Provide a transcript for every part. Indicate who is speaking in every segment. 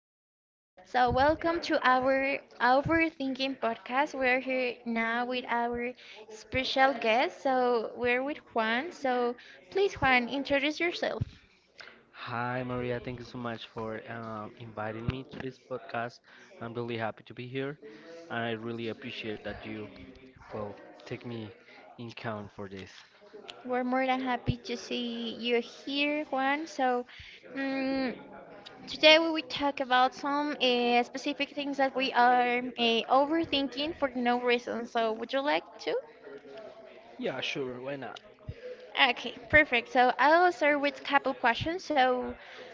Speaker 1: Alejandra. So welcome to our Overthinking podcast. We're here now with our special guest. So we're with Juan. So please Juan, introduce yourself.
Speaker 2: Hi, Maria. Thank you so much for inviting me to this podcast. I'm really happy to be here. I really appreciate that you, well, take me in count for this.
Speaker 1: We're more than happy to see you here, Juan. So mm today we will talk about some specific things that we are overthinking for no reason. So would you like to?
Speaker 2: Yeah, sure. Why not?
Speaker 1: Okay, perfect. So I'll start with a couple questions. So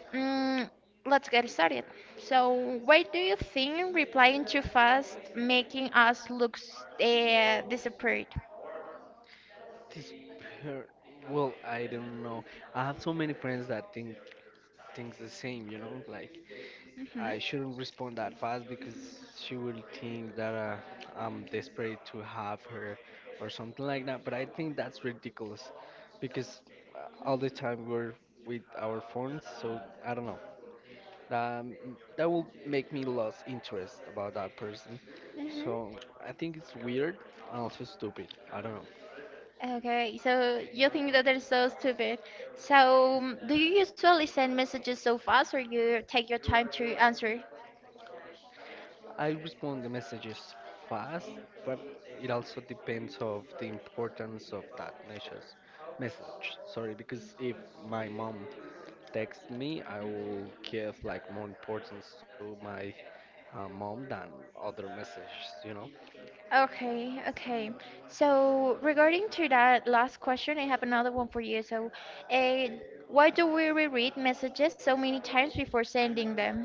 Speaker 1: mm let's get started. So why do you think replying too fast making us look disappointed?
Speaker 2: This, per- well, I don't know. I have so many friends that think things the same. You know, like
Speaker 1: Hmm
Speaker 2: I shouldn't respond that fast because she will think that I'm desperate to have her or something like that. But I think that's ridiculous because all the time we're with our phones, so I don't know. Um, that will make me lose interest about that person. So
Speaker 1: Mm-hmm.
Speaker 2: I think it's weird and also stupid. I don't know.
Speaker 1: Okay, so you think that is so stupid. So mm, do you usually send messages so fast or you take your time to answer?
Speaker 2: I respond the messages fast, but it also depends of the importance of that message. Message, sorry, because if my mom texts me, I will give like more importance to my mom than other messages, you know.
Speaker 1: Okay, okay. So regarding to that last question, I have another one for you. So, uh, why do we reread messages so many times before sending them?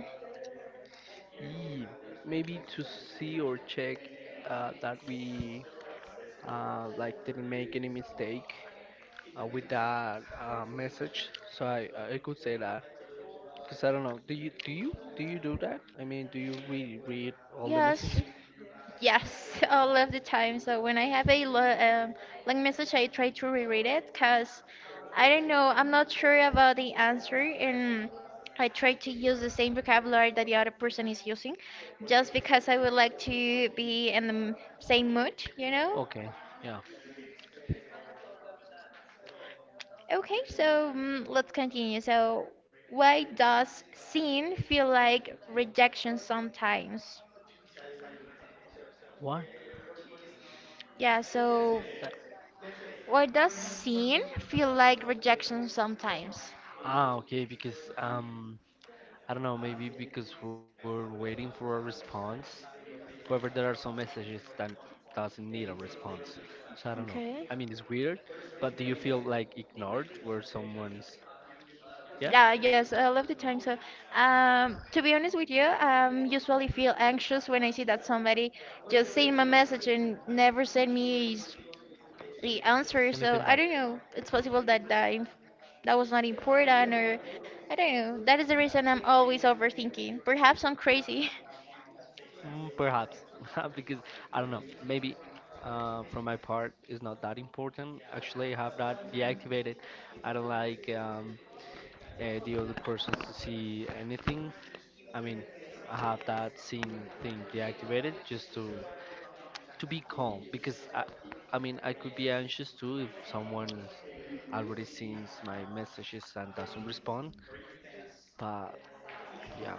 Speaker 2: E maybe to see or check that we like didn't make any mistake with that message. So I could say that. Because I don't know. Do you do that? I mean, do you really read all the
Speaker 1: Yes,
Speaker 2: messages?
Speaker 1: yes, all of the time. So when I have a long message, I try to reread it because I don't know, I'm not sure about the answer, and I try to use the same vocabulary that the other person is using, just because I would like to be in the same mood, you know?
Speaker 2: Okay, yeah.
Speaker 1: Okay, so mm, let's continue. So, why does sin feel like rejection sometimes?
Speaker 2: What?
Speaker 1: Yeah, so
Speaker 2: Uh,
Speaker 1: why does sin feel like rejection sometimes?
Speaker 2: Ah, okay, because I don't know, maybe because we're waiting for a response. However, there are some messages that doesn't need a response. So I don't know. I
Speaker 1: Okay.
Speaker 2: mean, it's weird, but do you feel like ignored where someone's, yeah,
Speaker 1: Yeah, yes, I love the time. So, to be honest with you, usually feel anxious when I see that somebody just sent my message and never sent me the
Speaker 2: anything
Speaker 1: answer.
Speaker 2: back?
Speaker 1: So I don't know. It's possible that that was not important, or I don't know. That is the reason I'm always overthinking. Perhaps I'm crazy.
Speaker 2: Perhaps, because I don't know, maybe from my part is not that important. Actually, I have that deactivated. I don't like the other persons to see anything. I mean, I have that scene thing deactivated just to be calm because I mean, I could be anxious too if someone is already sees my messages and doesn't respond. But yeah,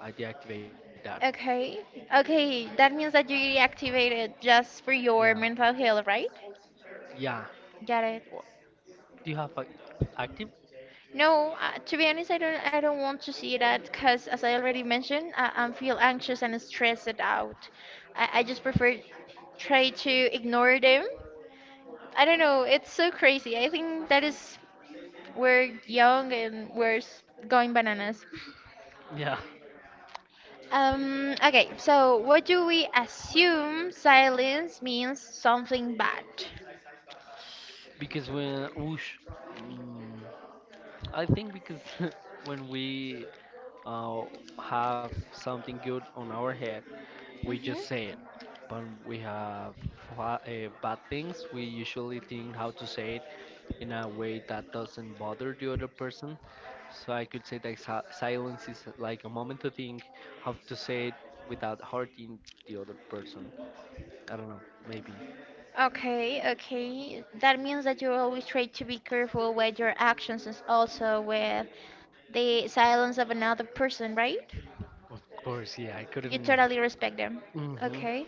Speaker 2: I deactivate that.
Speaker 1: Okay. Okay. That means that you reactivated just for
Speaker 2: Yeah,
Speaker 1: your mental health, right?
Speaker 2: yeah.
Speaker 1: Got it.
Speaker 2: Do you have a active?
Speaker 1: No, to be honest, I don't. I don't want to see that because, as I already mentioned, I feel anxious and stressed out. I just prefer try to ignore them. I don't know. It's so crazy. I think that is we're young and we're going bananas.
Speaker 2: Yeah,
Speaker 1: Okay, so what do we assume silence means something bad?
Speaker 2: because mm, I think because when we uh, have something good on our head, we just say
Speaker 1: Hmm
Speaker 2: it. But we have bad things, we usually think how to say it in a way that doesn't bother the other person. So I could say that silence is like a moment to think how to say it without hurting the other person. I don't know, maybe.
Speaker 1: Okay, okay. That means that you always try to be careful with your actions and also with the silence of another person, right?
Speaker 2: Of course, yeah, I
Speaker 1: You
Speaker 2: couldn't.
Speaker 1: totally respect them.
Speaker 2: Hmm.
Speaker 1: Okay,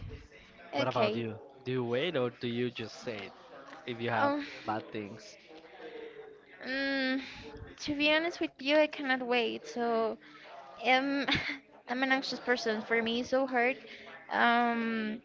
Speaker 2: What about
Speaker 1: okay.
Speaker 2: you? Do you wait or do you just say it if you have
Speaker 1: Um,
Speaker 2: bad things?
Speaker 1: mm, to be honest with you, I cannot wait. So, um, I'm an anxious person. For me, it's so hard. Um,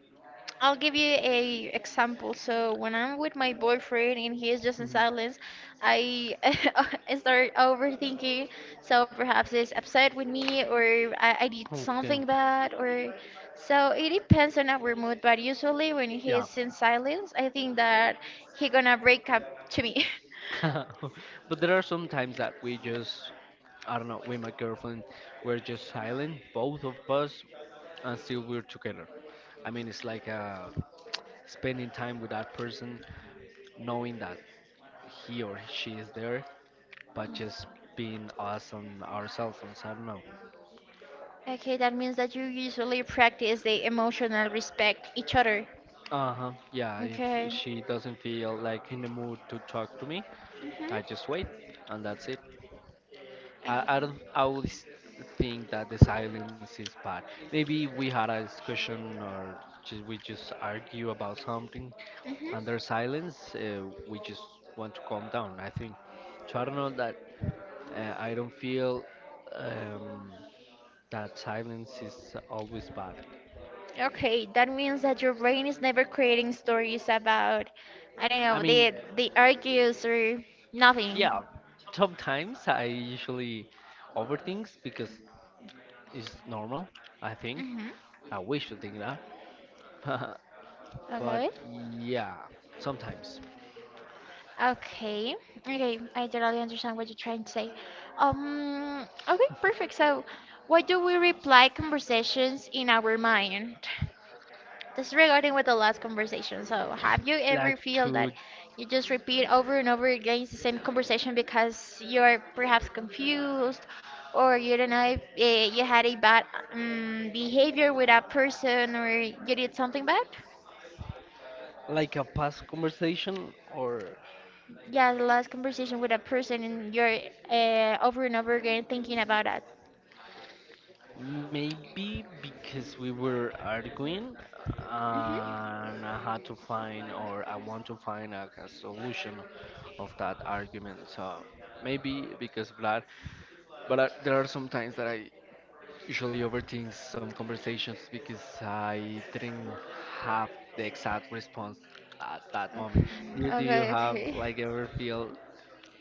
Speaker 1: I'll give you a example. So, when I'm with my boyfriend and he is just in
Speaker 2: Hmm.
Speaker 1: silence, I, I start overthinking. So perhaps he's upset with me, or I did
Speaker 2: Okay,
Speaker 1: something bad, or so it depends on our mood. But usually, when he
Speaker 2: yeah.
Speaker 1: is in silence, I think that he gonna break up to me.
Speaker 2: But there are some times that we just, I don't know, with my girlfriend, we're just silent, both of us, and still we're together. I mean, it's like spending time with that person, knowing that he or she is there, but just being us on ourselves. I don't know.
Speaker 1: Okay, that means that you usually practice the emotional respect each other.
Speaker 2: Uh-huh. Yeah, if
Speaker 1: Okay.
Speaker 2: she doesn't feel like in the mood to talk to me, I just
Speaker 1: Mhm.
Speaker 2: wait and that's it. I don't I always think that the silence is bad. Maybe we had a discussion or just, we just argue about something
Speaker 1: Mhm.
Speaker 2: and there's silence, we just want to calm down, I think. So I don't know that I don't feel um, that silence is always bad.
Speaker 1: Okay, that means that your brain is never creating stories about, I don't
Speaker 2: I
Speaker 1: know,
Speaker 2: mean,
Speaker 1: the argues or nothing.
Speaker 2: yeah, sometimes I usually overthink because it's normal, I think.
Speaker 1: Mhm.
Speaker 2: I wish to think that. But
Speaker 1: Okay.
Speaker 2: yeah, sometimes.
Speaker 1: Okay. Okay, I totally understand what you're trying to say. Um, okay, perfect. So, why do we reply conversations in our mind? This regarding with the last conversation. So, have you
Speaker 2: Like
Speaker 1: ever feel
Speaker 2: to
Speaker 1: that you just repeat over and over again the same conversation because you're perhaps confused, or you don't know if you had a bad behavior with a person, or you did something bad?
Speaker 2: like a past conversation or
Speaker 1: Yeah, the last conversation with a person, and you're over and over again thinking about that.
Speaker 2: maybe because we were arguing
Speaker 1: Mhm.
Speaker 2: and I had to find or I want to find a solution of that argument. So maybe because of that. But I, there are some times that I usually overthink some conversations because I didn't have the exact response at that moment.
Speaker 1: Okay.
Speaker 2: Do you
Speaker 1: Okay.
Speaker 2: have
Speaker 1: Okay.
Speaker 2: like ever feel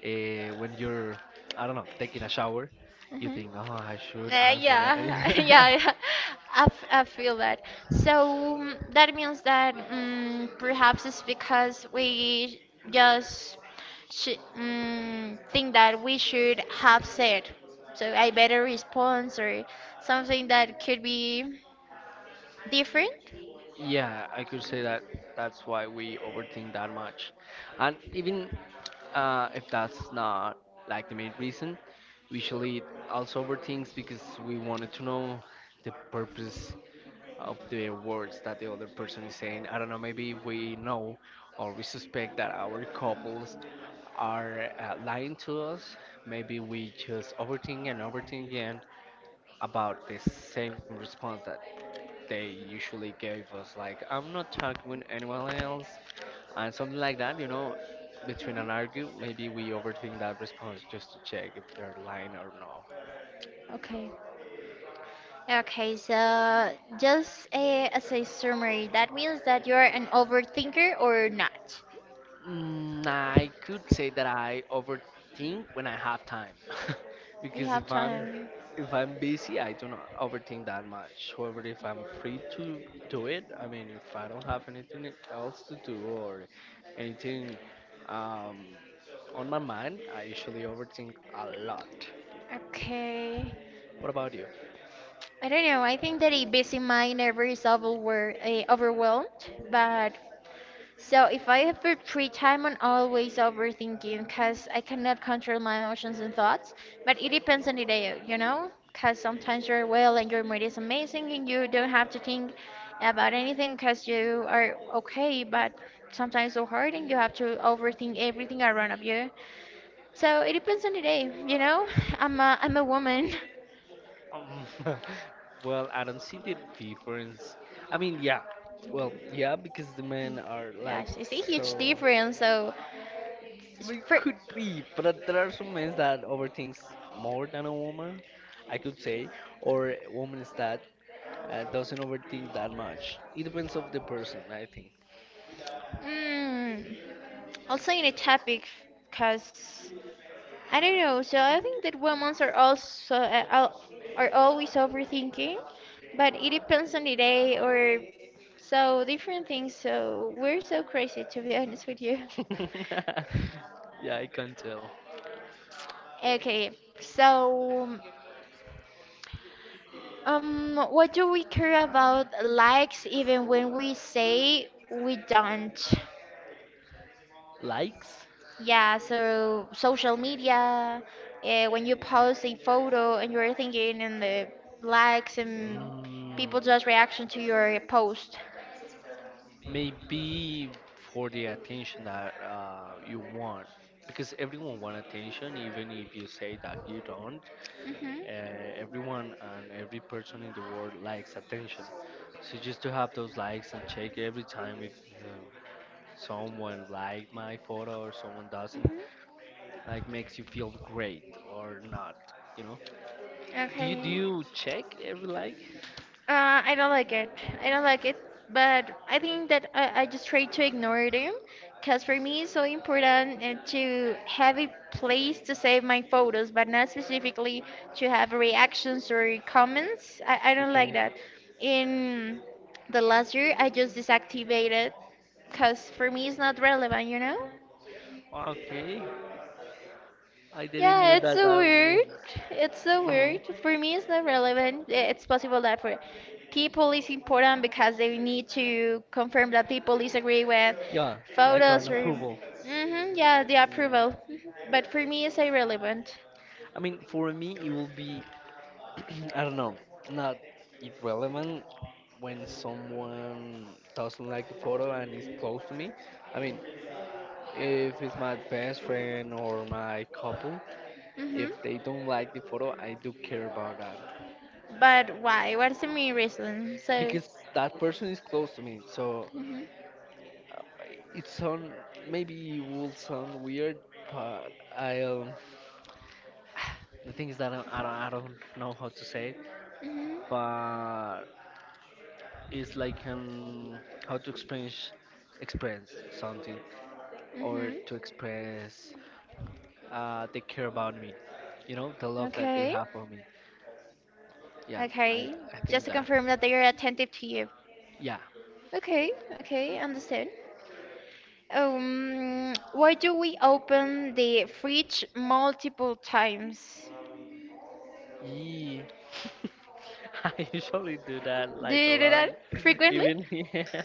Speaker 2: when you're I don't know taking a shower, you
Speaker 1: Mhm.
Speaker 2: think oh I should answer that.
Speaker 1: Yeah, yeah. I feel that. So that means that perhaps it's because we just think that we should have said. So a better response or something that could be different.
Speaker 2: Yeah, I could say that that's why we overthink that much. And even if that's not like the main reason, we usually also overthink because we wanted to know the purpose of the words that the other person is saying. I don't know, maybe we know or we suspect that our couples are lying to us. Maybe we just overthink and overthink again about the same response that they usually gave us, like I'm not talking with anyone else and something like that, you know, between an argue. Maybe we overthink that response just to check if they're lying or no.
Speaker 1: Okay. Okay, so just as a summary, that means that you're an overthinker or not?
Speaker 2: I could say that I overthink when I have time,
Speaker 1: You
Speaker 2: because
Speaker 1: have
Speaker 2: if I'm
Speaker 1: time.
Speaker 2: if I'm busy, I do not overthink that much. However, if I'm free to do it, I mean, if I don't have anything else to do or anything um, on my mind, I usually overthink a lot.
Speaker 1: Okay.
Speaker 2: What about you?
Speaker 1: I don't know. I think that a busy mind never is overwhelmed, but so if I have a free time, I'm always overthinking because I cannot control my emotions and thoughts. But it depends on the day, you know, because sometimes you're well and your mood is amazing and you don't have to think about anything because you are okay. But sometimes so hard and you have to overthink everything around of you. So it depends on the day, you know. I'm a woman.
Speaker 2: Um, well, I don't see the difference. I mean, yeah. Well, yeah, because the men are like
Speaker 1: Yes, it's a huge
Speaker 2: so.
Speaker 1: difference. So,
Speaker 2: It
Speaker 1: Spr-
Speaker 2: could be, but there are some men that overthinks more than a woman, I could say, or a woman is that doesn't overthink that much. It depends of the person, I think.
Speaker 1: mm, also in a topic because I don't know. So I think that women are also are always overthinking, but it depends on the day or so different things. So we're so crazy to be honest with you.
Speaker 2: Yeah, I can tell.
Speaker 1: Okay, so what do we care about likes even when we say we don't?
Speaker 2: Likes?
Speaker 1: Yeah, so social media, when you post a photo and you're thinking in the likes and people just
Speaker 2: Mm.
Speaker 1: reaction to your post.
Speaker 2: Maybe for the attention that you want, because everyone want attention, even if you say that you don't.
Speaker 1: Mhm.
Speaker 2: Everyone and every person in the world likes attention. So just to have those likes and check every time if uh, someone liked my photo or someone doesn't
Speaker 1: Mhm.
Speaker 2: like makes you feel great or not, you know. do you do
Speaker 1: Okay.
Speaker 2: you check every like?
Speaker 1: I don't like it. I don't like it, but I think that I just try to ignore them because for me it's so important to have a place to save my photos, but not specifically to have reactions or comments. I don't like
Speaker 2: Okay.
Speaker 1: that. In the last year, I just deactivated because for me it's not relevant, you know?
Speaker 2: Okay, I didn't
Speaker 1: Yeah,
Speaker 2: knew
Speaker 1: it's
Speaker 2: that
Speaker 1: so
Speaker 2: that
Speaker 1: weird. It's so
Speaker 2: you know.
Speaker 1: weird. For me, it's not relevant. Eh, it's possible that for people is important because they need to confirm that people disagree with
Speaker 2: Yeah, like
Speaker 1: photos
Speaker 2: an
Speaker 1: or,
Speaker 2: approval.
Speaker 1: hmm yeah, the approval.
Speaker 2: Mm.
Speaker 1: Mhm. But for me, it's irrelevant.
Speaker 2: I mean for me it will be I don't know, not irrelevant when someone doesn't like the photo and is close to me. I mean, if it's my best friend or my couple,
Speaker 1: Hmm
Speaker 2: if they don't like the photo, I do care about that
Speaker 1: But why? What's the main reason? So,
Speaker 2: because that person is close to me. So
Speaker 1: hmm
Speaker 2: it sound, maybe it will sound weird, but I the thing is that I don't know how to say it,
Speaker 1: hmm
Speaker 2: but it's like how to express something or
Speaker 1: hmm
Speaker 2: to express they care about me, you know, the love that they
Speaker 1: okay,
Speaker 2: have for me. Yeah,
Speaker 1: okay.
Speaker 2: I
Speaker 1: Just
Speaker 2: think
Speaker 1: to
Speaker 2: that
Speaker 1: confirm that they are attentive to you.
Speaker 2: yeah.
Speaker 1: Okay, okay, understand. Why do we open the fridge multiple times?
Speaker 2: Yeah. I usually do that
Speaker 1: Do
Speaker 2: like a
Speaker 1: you do
Speaker 2: lot.
Speaker 1: that frequently?
Speaker 2: Even yeah,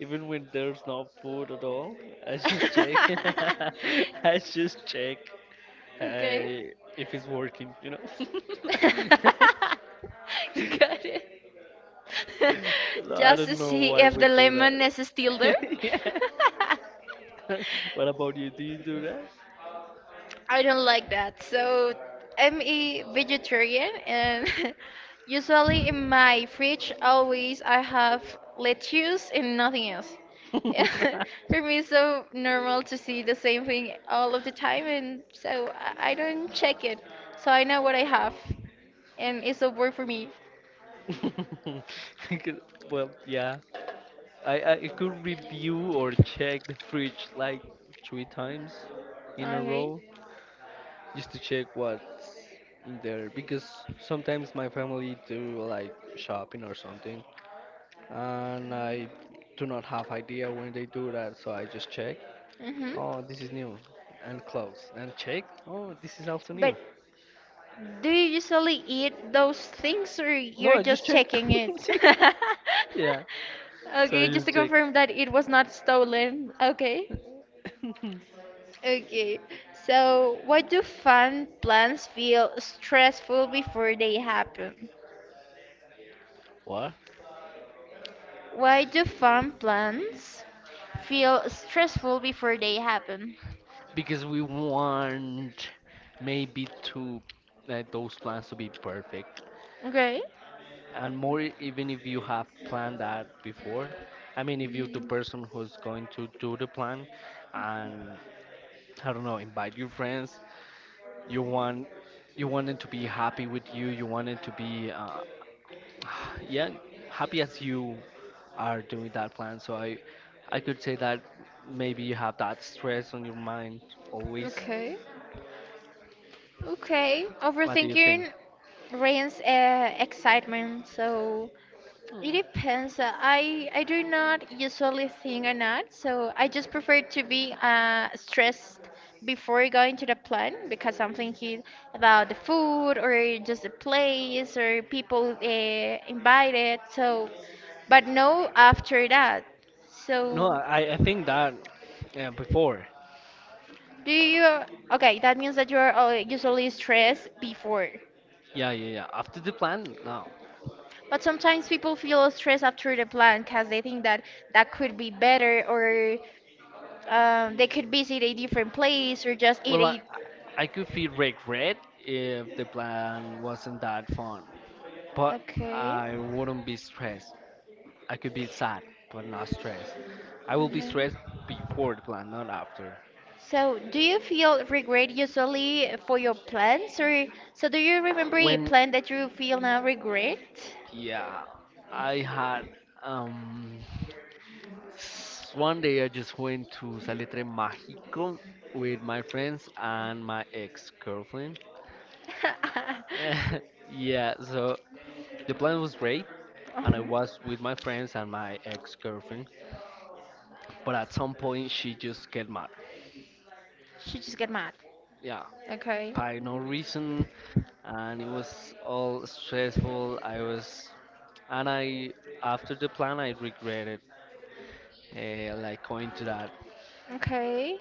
Speaker 2: even when there's no food at all, I just check. I just check
Speaker 1: Okay.
Speaker 2: I if it's working, you know.
Speaker 1: Got it.
Speaker 2: No, I
Speaker 1: Just to
Speaker 2: don't know
Speaker 1: see
Speaker 2: why
Speaker 1: if
Speaker 2: we
Speaker 1: the
Speaker 2: do
Speaker 1: lemon is still
Speaker 2: that.
Speaker 1: there.
Speaker 2: Yeah. What about you? Do you do that?
Speaker 1: I don't like that. So I'm a vegetarian and usually in my fridge always I have lettuce and nothing else. For me it's so normal to see the same thing all of the time and so I don't check it. So I know what I have and it's a work for me.
Speaker 2: Because, well, yeah. I could review or check the fridge like three times in a
Speaker 1: Okay.
Speaker 2: row just to check what's in there because sometimes my family do like shopping or something and I do not have idea when they do that, so I just check
Speaker 1: Mhm.
Speaker 2: oh this is new, and close and check oh this is also
Speaker 1: But
Speaker 2: new.
Speaker 1: do you usually eat those things or
Speaker 2: No,
Speaker 1: you're
Speaker 2: I just
Speaker 1: just
Speaker 2: check.
Speaker 1: checking it?
Speaker 2: Yeah, so I
Speaker 1: Okay, just to
Speaker 2: just check.
Speaker 1: confirm that it was not stolen. Okay. Okay. So, why do fun plans feel stressful before they happen?
Speaker 2: What?
Speaker 1: Why do fun plans feel stressful before they happen?
Speaker 2: Because we want maybe to those plans to be perfect
Speaker 1: Okay.
Speaker 2: and more even if you have planned that before. I mean, if you the person who's going to do the plan and I don't know invite your friends, you want you want them to be happy with you. You want it to be yeah, happy as you are doing that plan. So I could say that maybe you have that stress on your mind always.
Speaker 1: Okay. Okay.
Speaker 2: What do you think?
Speaker 1: Overthinking rains excitement, so it depends. I do not usually think or not, so I just prefer to be stressed before going to the plan because I'm thinking about the food or just the place or people invited. So, but no after that. So,
Speaker 2: No, I think that yeah, before.
Speaker 1: do you? Okay, that means that you are usually stressed before.
Speaker 2: Yeah, yeah, yeah. After the plan, no.
Speaker 1: But sometimes people feel stressed after the plan because they think that that could be better or um, they could visit a different place or just eat
Speaker 2: Well,
Speaker 1: a.
Speaker 2: I could feel regret if the plan wasn't that fun, but
Speaker 1: Okay.
Speaker 2: I wouldn't be stressed. I could be sad, but not stressed. I will be stressed
Speaker 1: Mhm.
Speaker 2: before the plan, not after.
Speaker 1: So, do you feel regret usually for your plans, or so do you remember a
Speaker 2: When,
Speaker 1: plan that you feel now regret?
Speaker 2: yeah, I had, um, one day I just went to Salitre Mágico with my friends and my ex-girlfriend. Yeah, so the plan was great, and I
Speaker 1: Mhm.
Speaker 2: was with my friends and my ex girlfriend, but at some point she just get mad.
Speaker 1: She just get mad.
Speaker 2: Yeah,
Speaker 1: Okay.
Speaker 2: by no reason, and it was all stressful. I was, and I after the plan I regretted like going to that
Speaker 1: Okay.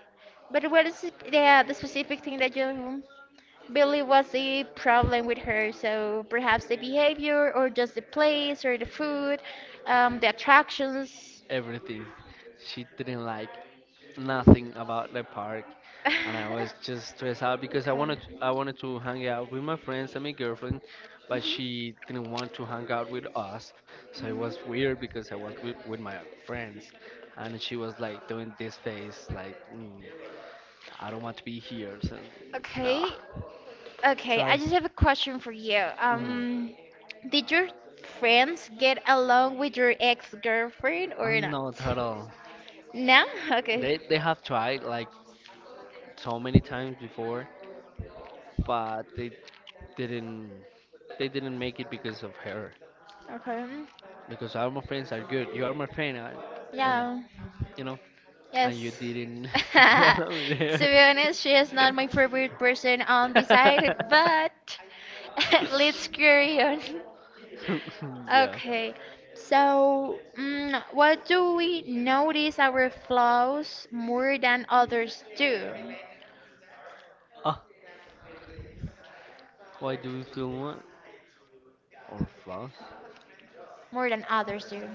Speaker 1: But what is the specific thing that you believe was the problem with her? So perhaps the behavior, or just the place, or the food, the attractions.
Speaker 2: everything. She didn't like nothing about the park, and I was just stressed out because
Speaker 1: Okay.
Speaker 2: I wanted to hang out with my friends and my girlfriend, but
Speaker 1: hmm
Speaker 2: she didn't want to hang out with us. So it was weird because I was with my friends, and she was like doing this face like mm, I don't want to be here. So no,
Speaker 1: Okay.
Speaker 2: so
Speaker 1: Okay. I
Speaker 2: I.
Speaker 1: just have a question for you.
Speaker 2: Mhm.
Speaker 1: Did your friends get along with your ex-girlfriend
Speaker 2: Oh,
Speaker 1: or not?
Speaker 2: not at all.
Speaker 1: No? Okay.
Speaker 2: They have tried like so many times before, but didn't they didn't make it because of her
Speaker 1: Okay.
Speaker 2: because all my friends are good, you are my friend, and
Speaker 1: Yeah.
Speaker 2: you know and you
Speaker 1: Yes.
Speaker 2: didn't get along with
Speaker 1: To
Speaker 2: her.
Speaker 1: be honest, she is not my favorite person on the side, but let's carry on.
Speaker 2: Yeah.
Speaker 1: Okay, so what do we notice our flaws more than others do?
Speaker 2: ah why do we feel one or flaws?
Speaker 1: More than others do.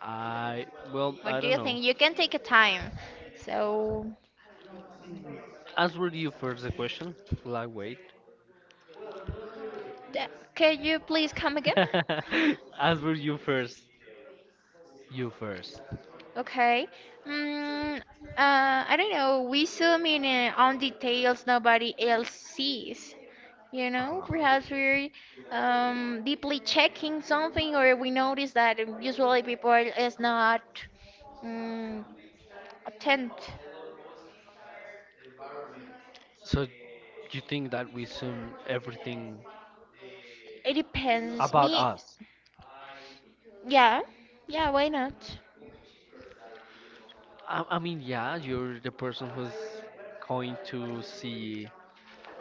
Speaker 2: I Well, I
Speaker 1: What do
Speaker 2: don't
Speaker 1: you
Speaker 2: know.
Speaker 1: think? You can take a time. So,
Speaker 2: Answer you first the question. Will I wait?
Speaker 1: th- can you please come again?
Speaker 2: Answer you first. You first.
Speaker 1: Okay. Mm, uh, I don't know. We zoom in on details nobody else sees. You know,
Speaker 2: Uh-huh.
Speaker 1: perhaps we're deeply checking something, or we notice that usually people is not um, attent.
Speaker 2: So you think that we assume everything
Speaker 1: It depends.
Speaker 2: about
Speaker 1: Me,
Speaker 2: us?
Speaker 1: yeah, yeah. Why not?
Speaker 2: I mean, yeah, you're the person who's going to see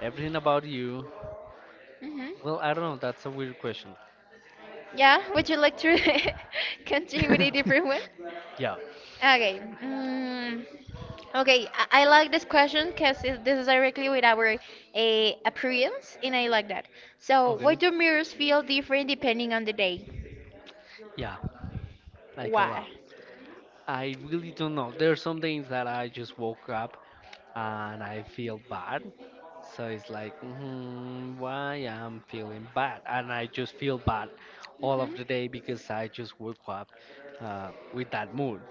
Speaker 2: everything about you.
Speaker 1: Hmm
Speaker 2: Well, I don't know. That's a weird question.
Speaker 1: Yeah. Would you like to continue with a different one?
Speaker 2: Yeah.
Speaker 1: Okay. Okay. I like this question because this is directly with our appearance, and I like that. So, why
Speaker 2: Okay.
Speaker 1: do mirrors feel different depending on the day?
Speaker 2: Yeah. Like a
Speaker 1: Why?
Speaker 2: lot. I really don't know. There are some days that I just woke up and I feel bad. So it's like, why I'm feeling bad, and I just feel bad all of
Speaker 1: Hmm
Speaker 2: the day because I just woke up with that mood.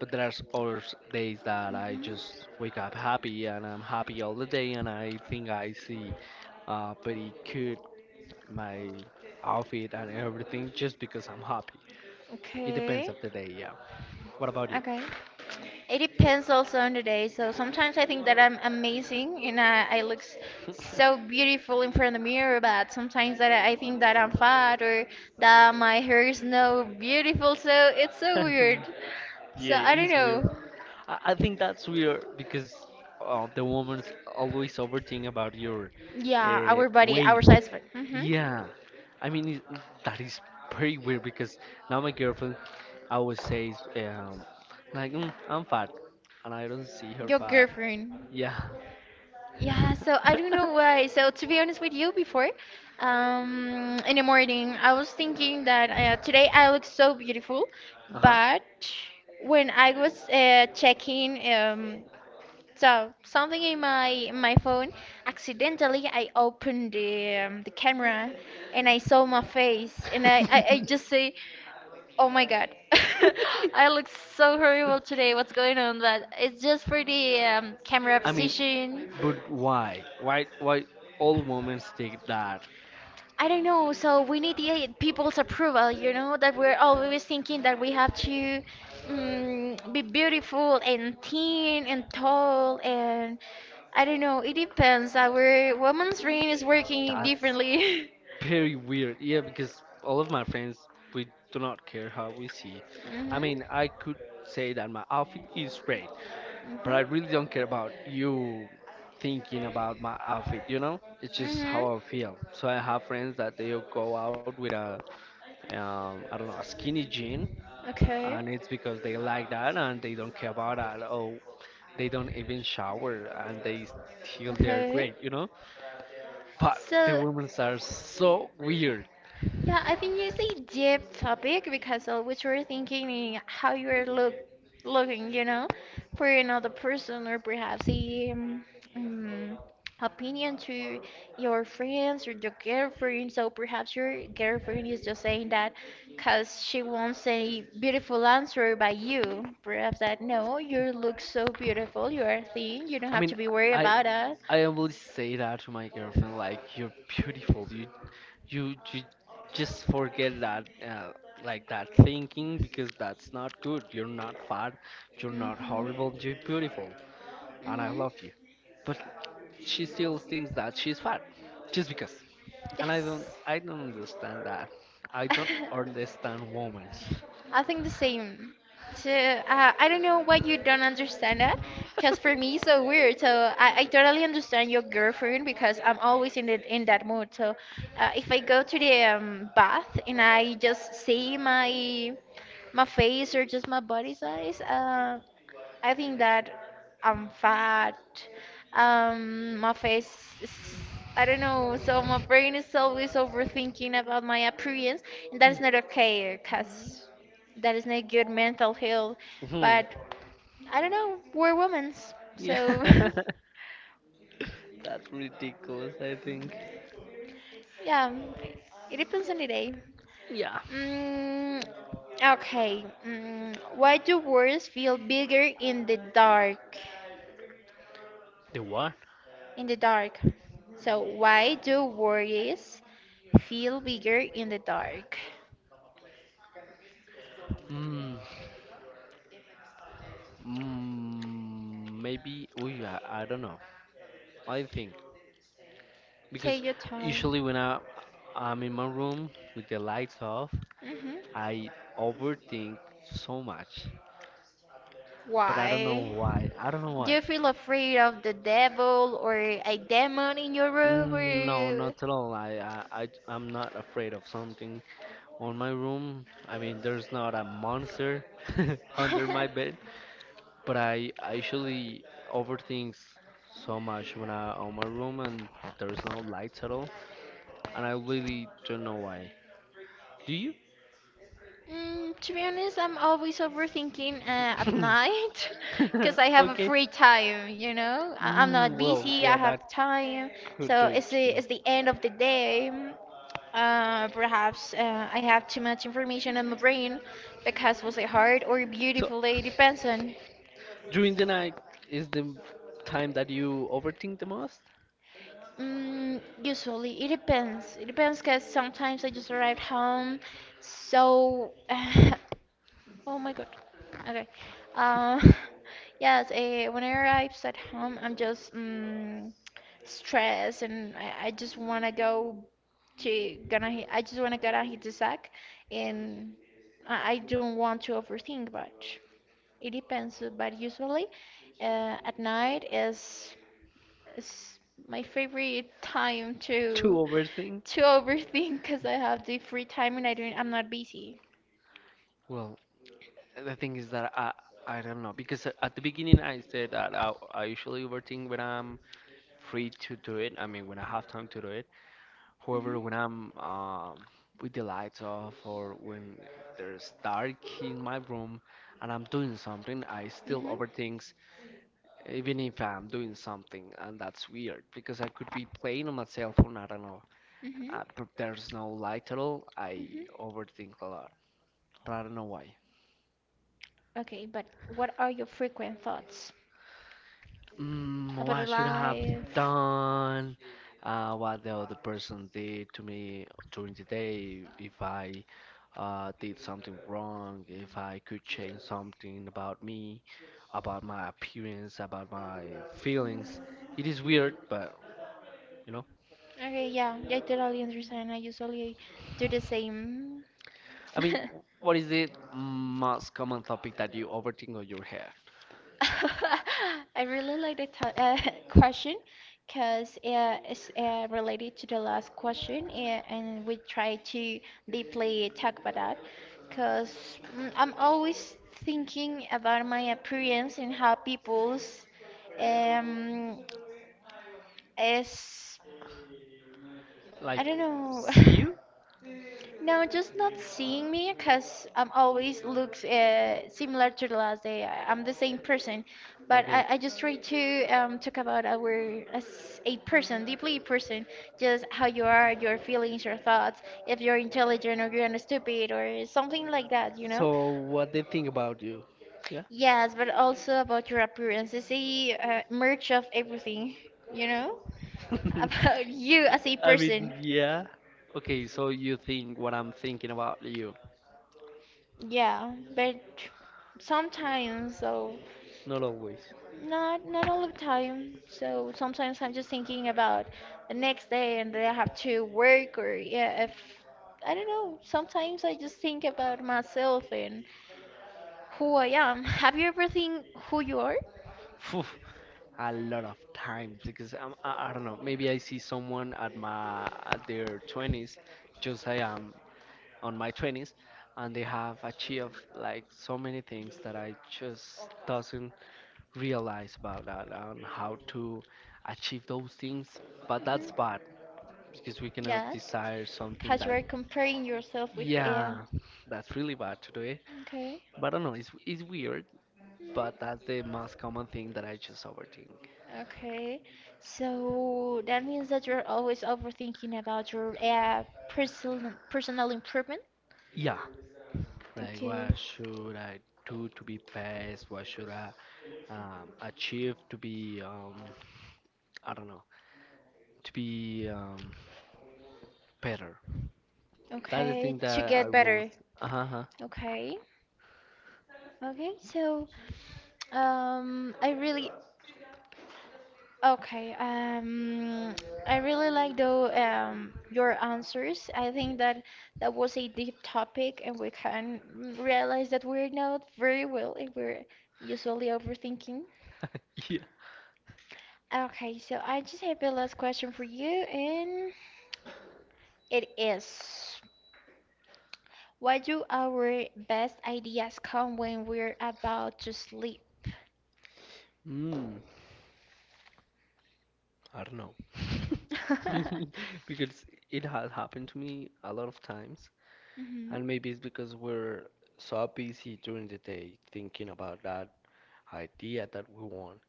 Speaker 2: But there's other days that I
Speaker 1: hmm
Speaker 2: just wake up happy and I'm happy all the day and I think I see pretty cute my outfit and everything just because I'm happy. It depends
Speaker 1: Okay.
Speaker 2: of the day, yeah. What about you?
Speaker 1: Okay. It depends also on the day. So sometimes I think that I'm amazing and I look so beautiful in front of the mirror, but sometimes that I think that I'm fat or that my hair is not beautiful. So it's so weird. So
Speaker 2: Yeah, it
Speaker 1: I don't
Speaker 2: is weird.
Speaker 1: know.
Speaker 2: I think that's weird because the woman's always overthink about your
Speaker 1: Yeah, our body,
Speaker 2: weight.
Speaker 1: our size. Mm-hmm.
Speaker 2: Yeah, I mean it, that is pretty weird because now my girlfriend always says like I'm fat, and I don't see her
Speaker 1: Your
Speaker 2: fat.
Speaker 1: girlfriend.
Speaker 2: Yeah.
Speaker 1: Yeah, so I don't know why. So to be honest with you, before, in the morning, I was thinking that today I look so beautiful,
Speaker 2: Uh-huh.
Speaker 1: but when I was checking something in my phone, accidentally I opened the camera, and I saw my face, and I I, I just say, oh my God, I look so horrible today. What's going on? But it's just for the camera
Speaker 2: I mean,
Speaker 1: position.
Speaker 2: but why? Why? Why all women think that?
Speaker 1: I don't know. So we need the people's approval, you know, that we're always thinking that we have to be beautiful and thin and tall and I don't know. It depends. Our woman's brain is working
Speaker 2: That's
Speaker 1: differently.
Speaker 2: Very weird. Yeah, because all of my friends, we do not care how we see. I
Speaker 1: Mhm.
Speaker 2: mean, I could say that my outfit is great, but I really
Speaker 1: Mhm.
Speaker 2: don't care about you thinking about my outfit, you know? It's just
Speaker 1: Mhm.
Speaker 2: how I feel. So I have friends that they'll go out with a, I don't know, a skinny jean,
Speaker 1: Okay.
Speaker 2: and it's because they like that and they don't care about that. Oh, they don't even shower and they still they're
Speaker 1: Okay.
Speaker 2: great, you know? But the
Speaker 1: So
Speaker 2: women are so weird.
Speaker 1: yeah, I think it's a deep topic because always we're thinking in how you're looking, you know, for another person or perhaps a um, opinion to your friends or your girlfriend. So perhaps your girlfriend is just saying that because she wants a beautiful answer by you. Perhaps that no, you look so beautiful, you are thin, you don't
Speaker 2: I
Speaker 1: have to
Speaker 2: mean,
Speaker 1: be worried
Speaker 2: I
Speaker 1: about it.
Speaker 2: I always say that to my girlfriend, like you're beautiful. You just forget that like that thinking because that's not good. You're not fat. You're not
Speaker 1: Hmm.
Speaker 2: horrible. You're beautiful, and I
Speaker 1: Hmm.
Speaker 2: love you. But she still thinks that she's fat just because. And I don't
Speaker 1: Yes.
Speaker 2: I don't understand that. I don't understand women.
Speaker 1: I think the same. So, I don't know why you don't understand that, because for me it's so weird. So I totally understand your girlfriend because I'm always in that mood. So if I go to the bath and I just see my face or just my body size, I think that I'm fat. My face is, I don't know, so my brain is always overthinking about my appearance, and that is not okay because that is not good mental health.
Speaker 2: Hmm.
Speaker 1: But I don't know, we're women,
Speaker 2: Yeah.
Speaker 1: so
Speaker 2: That's ridiculous, I think.
Speaker 1: yeah, it depends on the day.
Speaker 2: Yeah.
Speaker 1: Mm, okay, why do words feel bigger in the dark?
Speaker 2: The what?
Speaker 1: In the dark. So, why do worries feel bigger in the dark?
Speaker 2: Mm, maybe. Oh yeah, I don't know. I think
Speaker 1: Take
Speaker 2: because
Speaker 1: your time.
Speaker 2: usually when I'm in my room with the lights off,
Speaker 1: Hmm.
Speaker 2: I overthink so much. But I don't know
Speaker 1: Why?
Speaker 2: why. I don't know
Speaker 1: Do
Speaker 2: why.
Speaker 1: you feel afraid of the devil or a demon in your room?
Speaker 2: No,
Speaker 1: Or...
Speaker 2: not at all. I'm not afraid of something on my room. I mean, there's not a monster under my bed. But I usually overthink so much when I'm on my room and there's no lights at all, and I really don't know why. Do you?
Speaker 1: To be honest, I'm always overthinking at night because I have a
Speaker 2: Okay.
Speaker 1: free time, you know? I'm not
Speaker 2: Well,
Speaker 1: busy, I
Speaker 2: yeah, that
Speaker 1: have time.
Speaker 2: could
Speaker 1: So
Speaker 2: do it too.
Speaker 1: it's the end of the day. Perhaps I have too much information in my brain because was it hard or
Speaker 2: So
Speaker 1: beautiful day? It depends on.
Speaker 2: during the night is the time that you overthink the most?
Speaker 1: Usually, it depends. It depends because sometimes I just arrived home so. Oh my God. Okay. Uh, yes, when I arrives at home, I'm just stressed and I just wanna go to gonna hit, I just wanna gonna hit the sack and I don't want to overthink much. It depends, but usually at night is my favorite time
Speaker 2: To overthink?
Speaker 1: to overthink because I have the free time and I'm not busy.
Speaker 2: Well, the thing is that I don't know because at the beginning I said that I usually overthink when I'm free to do it. I mean, when I have time to do it. However,
Speaker 1: Mhm.
Speaker 2: when I'm with the lights off or when there's dark in my room and I'm doing something, I still
Speaker 1: Mhm.
Speaker 2: overthink, even if I'm doing something, and that's weird because I could be playing on my cell phone. I don't know,
Speaker 1: Mhm.
Speaker 2: but there's no light at all. I
Speaker 1: Mhm.
Speaker 2: overthink a lot, but I don't know why.
Speaker 1: Okay, but what are your frequent thoughts
Speaker 2: Mm,
Speaker 1: about
Speaker 2: what I should have
Speaker 1: life?
Speaker 2: done? What the other person did to me during the day? If I did something wrong? If I could change something about me, about my appearance, about my feelings? It is weird, but you know.
Speaker 1: Okay, yeah, I totally understand. I usually do the same.
Speaker 2: I mean, what is the most common topic that you overthink on your head?
Speaker 1: I really like the to question because it's related to the last question, and we try to deeply talk about that because I'm always thinking about my appearance and how people's um, is
Speaker 2: Like,
Speaker 1: I don't know.
Speaker 2: see you?
Speaker 1: No, just not seeing me because I'm always looks similar to the last day. I- I'm the same person, but
Speaker 2: Okay.
Speaker 1: I just try to talk about our as a person, deeply a person, just how you are, your feelings, your thoughts, if you're intelligent or you're stupid or something like that, you know?
Speaker 2: So, what they think about you? Yeah.
Speaker 1: Yes, but also about your appearance. It's a merge of everything, you know? About you
Speaker 2: I,
Speaker 1: as a
Speaker 2: I
Speaker 1: person.
Speaker 2: mean, yeah. Okay, so you think what I'm thinking about you?
Speaker 1: Yeah, but sometimes, so
Speaker 2: Not always.
Speaker 1: not not all the time. So sometimes I'm just thinking about the next day and that I have to work or yeah, if I don't know. Sometimes I just think about myself and who I am. Have you ever think who you are?
Speaker 2: Phew, a lot of times because I don't know. Maybe I see someone at my at their twenties, just I am on my twenties, and they have achieved like so many things that I just doesn't realize about that and how to achieve those things. But that's bad
Speaker 1: Hmm.
Speaker 2: because we cannot
Speaker 1: Yes,
Speaker 2: desire something
Speaker 1: because you
Speaker 2: that
Speaker 1: are comparing yourself with the air.
Speaker 2: Yeah, that's really bad to do it.
Speaker 1: Okay.
Speaker 2: But I don't know, it's weird, but
Speaker 1: Mhm.
Speaker 2: that's the most common thing that I just overthink.
Speaker 1: Okay, so that means that you're always overthinking about your personal improvement.
Speaker 2: Yeah, like
Speaker 1: Okay.
Speaker 2: what should I do to be best? What should I achieve to be, I don't know, to be better? That's the
Speaker 1: Okay,
Speaker 2: thing
Speaker 1: to
Speaker 2: that I
Speaker 1: get
Speaker 2: will.
Speaker 1: better.
Speaker 2: Uh-huh.
Speaker 1: Okay, okay. So, I really okay. I really like though your answers. I think that that was a deep topic, and we can realize that we're not very well, and we're usually overthinking.
Speaker 2: Yeah.
Speaker 1: Okay, so I just have a last question for you, and it is, why do our best ideas come when we're about to sleep?
Speaker 2: Mm, I don't know.
Speaker 1: Hmm.
Speaker 2: Because it has happened to me a lot of times. And maybe it's because we're so busy during the day thinking about that idea that we want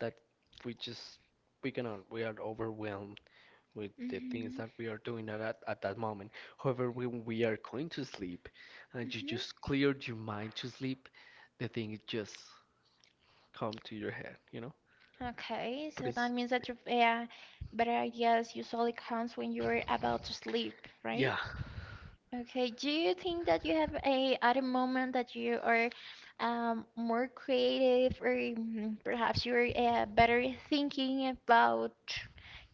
Speaker 2: that we just we cannot we are overwhelmed with the things
Speaker 1: Hmm.
Speaker 2: that we are doing at that moment. However, when we are going to sleep and you
Speaker 1: Hmm.
Speaker 2: just cleared your mind to sleep, the thing just come to your head, you know?
Speaker 1: Okay,
Speaker 2: But
Speaker 1: so
Speaker 2: it's
Speaker 1: that means that your better ideas usually comes when you're about to sleep, right?
Speaker 2: yeah.
Speaker 1: Okay, do you think that you have a at a moment that you are more creative or perhaps you're better thinking about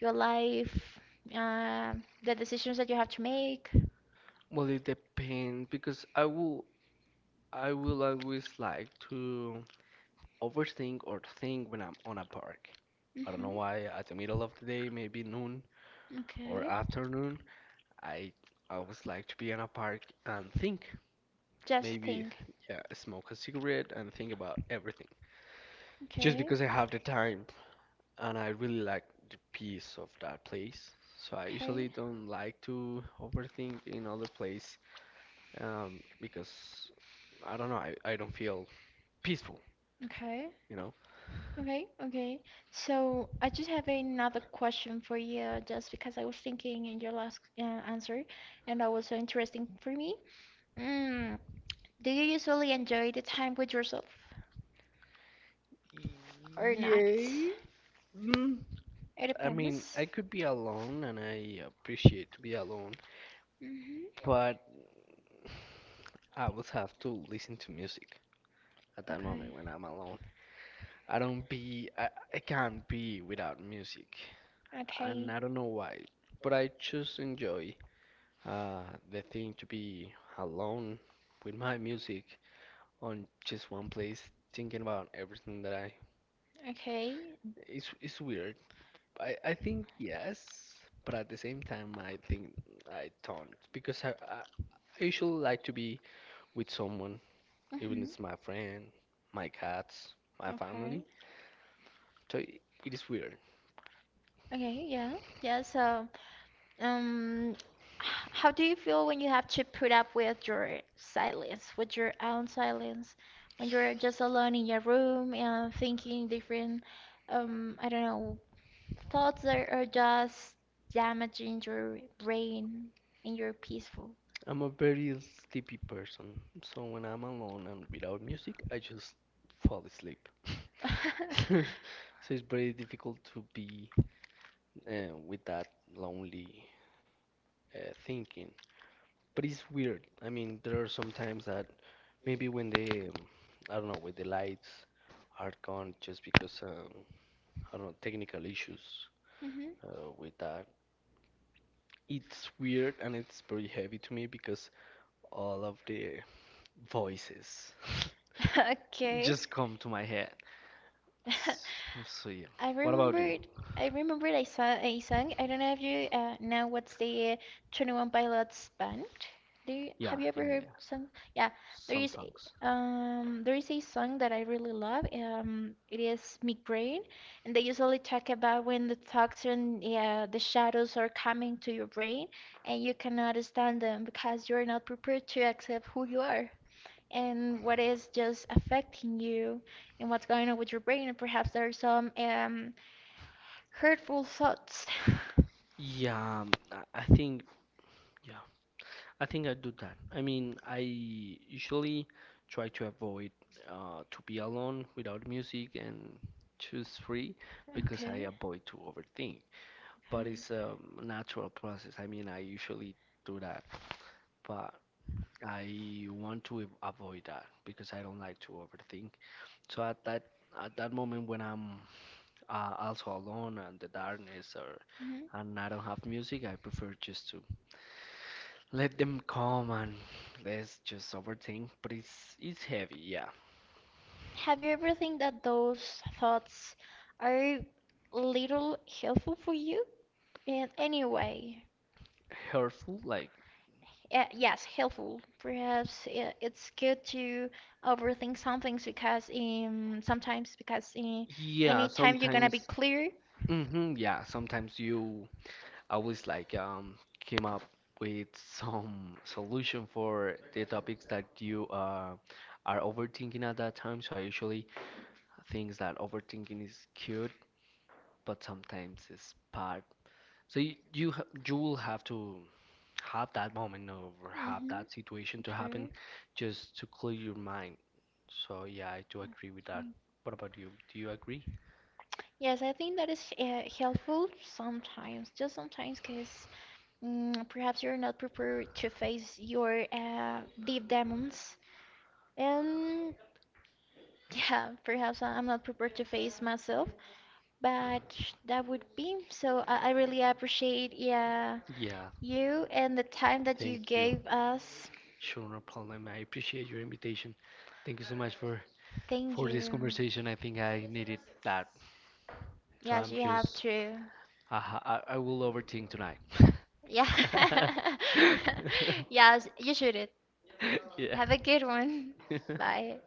Speaker 1: your life, uh, the decisions that you have to make?
Speaker 2: Well, it depends because I will always like to overthink or think when I'm on a park. I don't know
Speaker 1: Hmm.
Speaker 2: why, at the middle of the day, maybe noon or
Speaker 1: Okay,
Speaker 2: afternoon, I always like to be in a park and think.
Speaker 1: just
Speaker 2: Maybe,
Speaker 1: think.
Speaker 2: yeah, smoke a cigarette and think about everything. Just
Speaker 1: Okay,
Speaker 2: because I have the time and I really like the peace of that place. So I usually
Speaker 1: okay,
Speaker 2: don't like to overthink in other place because I don't know, I don't feel peaceful,
Speaker 1: okay,
Speaker 2: you know?
Speaker 1: okay, okay. So I just have another question for you, just because I was thinking in your last answer, and that was so interesting for me. Mm. Do you usually enjoy the time with yourself or not?
Speaker 2: Yay! Mm,
Speaker 1: It
Speaker 2: I mean,
Speaker 1: depends.
Speaker 2: I could be alone and I appreciate to be alone,
Speaker 1: Hmm.
Speaker 2: but I would have to listen to music at that moment
Speaker 1: Okay.
Speaker 2: when I'm alone. I don't be, I, I can't be without music, and
Speaker 1: Okay.
Speaker 2: I don't know why, but I just enjoy uh, the thing to be alone with my music on just one place, thinking about everything that I.
Speaker 1: Okay.
Speaker 2: It's weird. I think yes, but at the same time I think I don't because I usually like to be with someone, even if
Speaker 1: Hmm.
Speaker 2: it's my friend, my cats, my
Speaker 1: Okay.
Speaker 2: family. So it is weird.
Speaker 1: Okay, yeah. Yeah, so um h- how do you feel when you have to put up with your silence, with your own silence, when you're just alone in your room and thinking different I don't know, thoughts that are just damaging your brain and your peaceful?
Speaker 2: I'm a very sleepy person, so when I'm alone and without music, I just fall asleep. So it's very difficult to be with that lonely thinking. But it's weird. I mean, there are some times that maybe when the, I don't know, when the lights are gone just because, I don't know, technical issues
Speaker 1: Mhm.
Speaker 2: with that. It's weird and it's very heavy to me because all of the voices
Speaker 1: Okay.
Speaker 2: just come to my head. S- So, yeah.
Speaker 1: I
Speaker 2: What about you?
Speaker 1: remembered. I remembered I saw a song. I don't know if you know what's the 21 Pilots band. Do you,
Speaker 2: Yeah,
Speaker 1: have you ever
Speaker 2: yeah,
Speaker 1: heard
Speaker 2: yeah.
Speaker 1: song? Yeah, there
Speaker 2: Some
Speaker 1: is
Speaker 2: songs.
Speaker 1: a- there is a song that I really love. It is Migraine, and they usually talk about when the toxin, yeah, the shadows are coming to your brain, and you cannot stand them because you're not prepared to accept who you are, and what is just affecting you and what's going on with your brain, and perhaps there are some hurtful thoughts.
Speaker 2: Yeah, I think, yeah, I think I do that. I mean, I usually try to avoid to be alone without music and choose free because I
Speaker 1: Okay.
Speaker 2: avoid to overthink.
Speaker 1: Okay.
Speaker 2: But it's a natural process. I mean, I usually do that but I want to avoid that because I don't like to overthink. So at that moment when I'm also alone and the darkness or
Speaker 1: Hmm.
Speaker 2: and I don't have music, I prefer just to let them come and let's just overthink. But it's heavy, yeah,
Speaker 1: Have you ever think that those thoughts are little helpful for you in any way?
Speaker 2: hurtful. Like
Speaker 1: Yes, helpful. Perhaps it's good to overthink some things because sometimes because
Speaker 2: yeah,
Speaker 1: anytime you're gonna be
Speaker 2: sometimes,
Speaker 1: clear.
Speaker 2: hmm yeah, sometimes you always like came up with some solution for the topics that you are overthinking at that time. So I usually think that overthinking is cute, but sometimes it's bad. So you you will have to have that moment or have
Speaker 1: Hmm.
Speaker 2: that situation to happen
Speaker 1: Okay.
Speaker 2: just to clear your mind. So yeah, I do agree with that.
Speaker 1: Okay.
Speaker 2: What about you? Do you agree?
Speaker 1: Yes, I think that is helpful sometimes, just sometimes, because perhaps you're not prepared to face your deep demons. And yeah, perhaps I- I'm not prepared to face myself, but that would be. So I really appreciate yeah
Speaker 2: Yeah,
Speaker 1: you and the time that you
Speaker 2: thank you.
Speaker 1: gave us.
Speaker 2: Sure, no problem. I appreciate your invitation. Thank you so much
Speaker 1: Thank
Speaker 2: for this
Speaker 1: you.
Speaker 2: conversation, I think I needed that. So
Speaker 1: Yes,
Speaker 2: I'm
Speaker 1: you have
Speaker 2: just,
Speaker 1: to.
Speaker 2: I, I will overthink tonight.
Speaker 1: Yeah. Yes, you should. It.
Speaker 2: Yeah.
Speaker 1: Have a good one. Bye.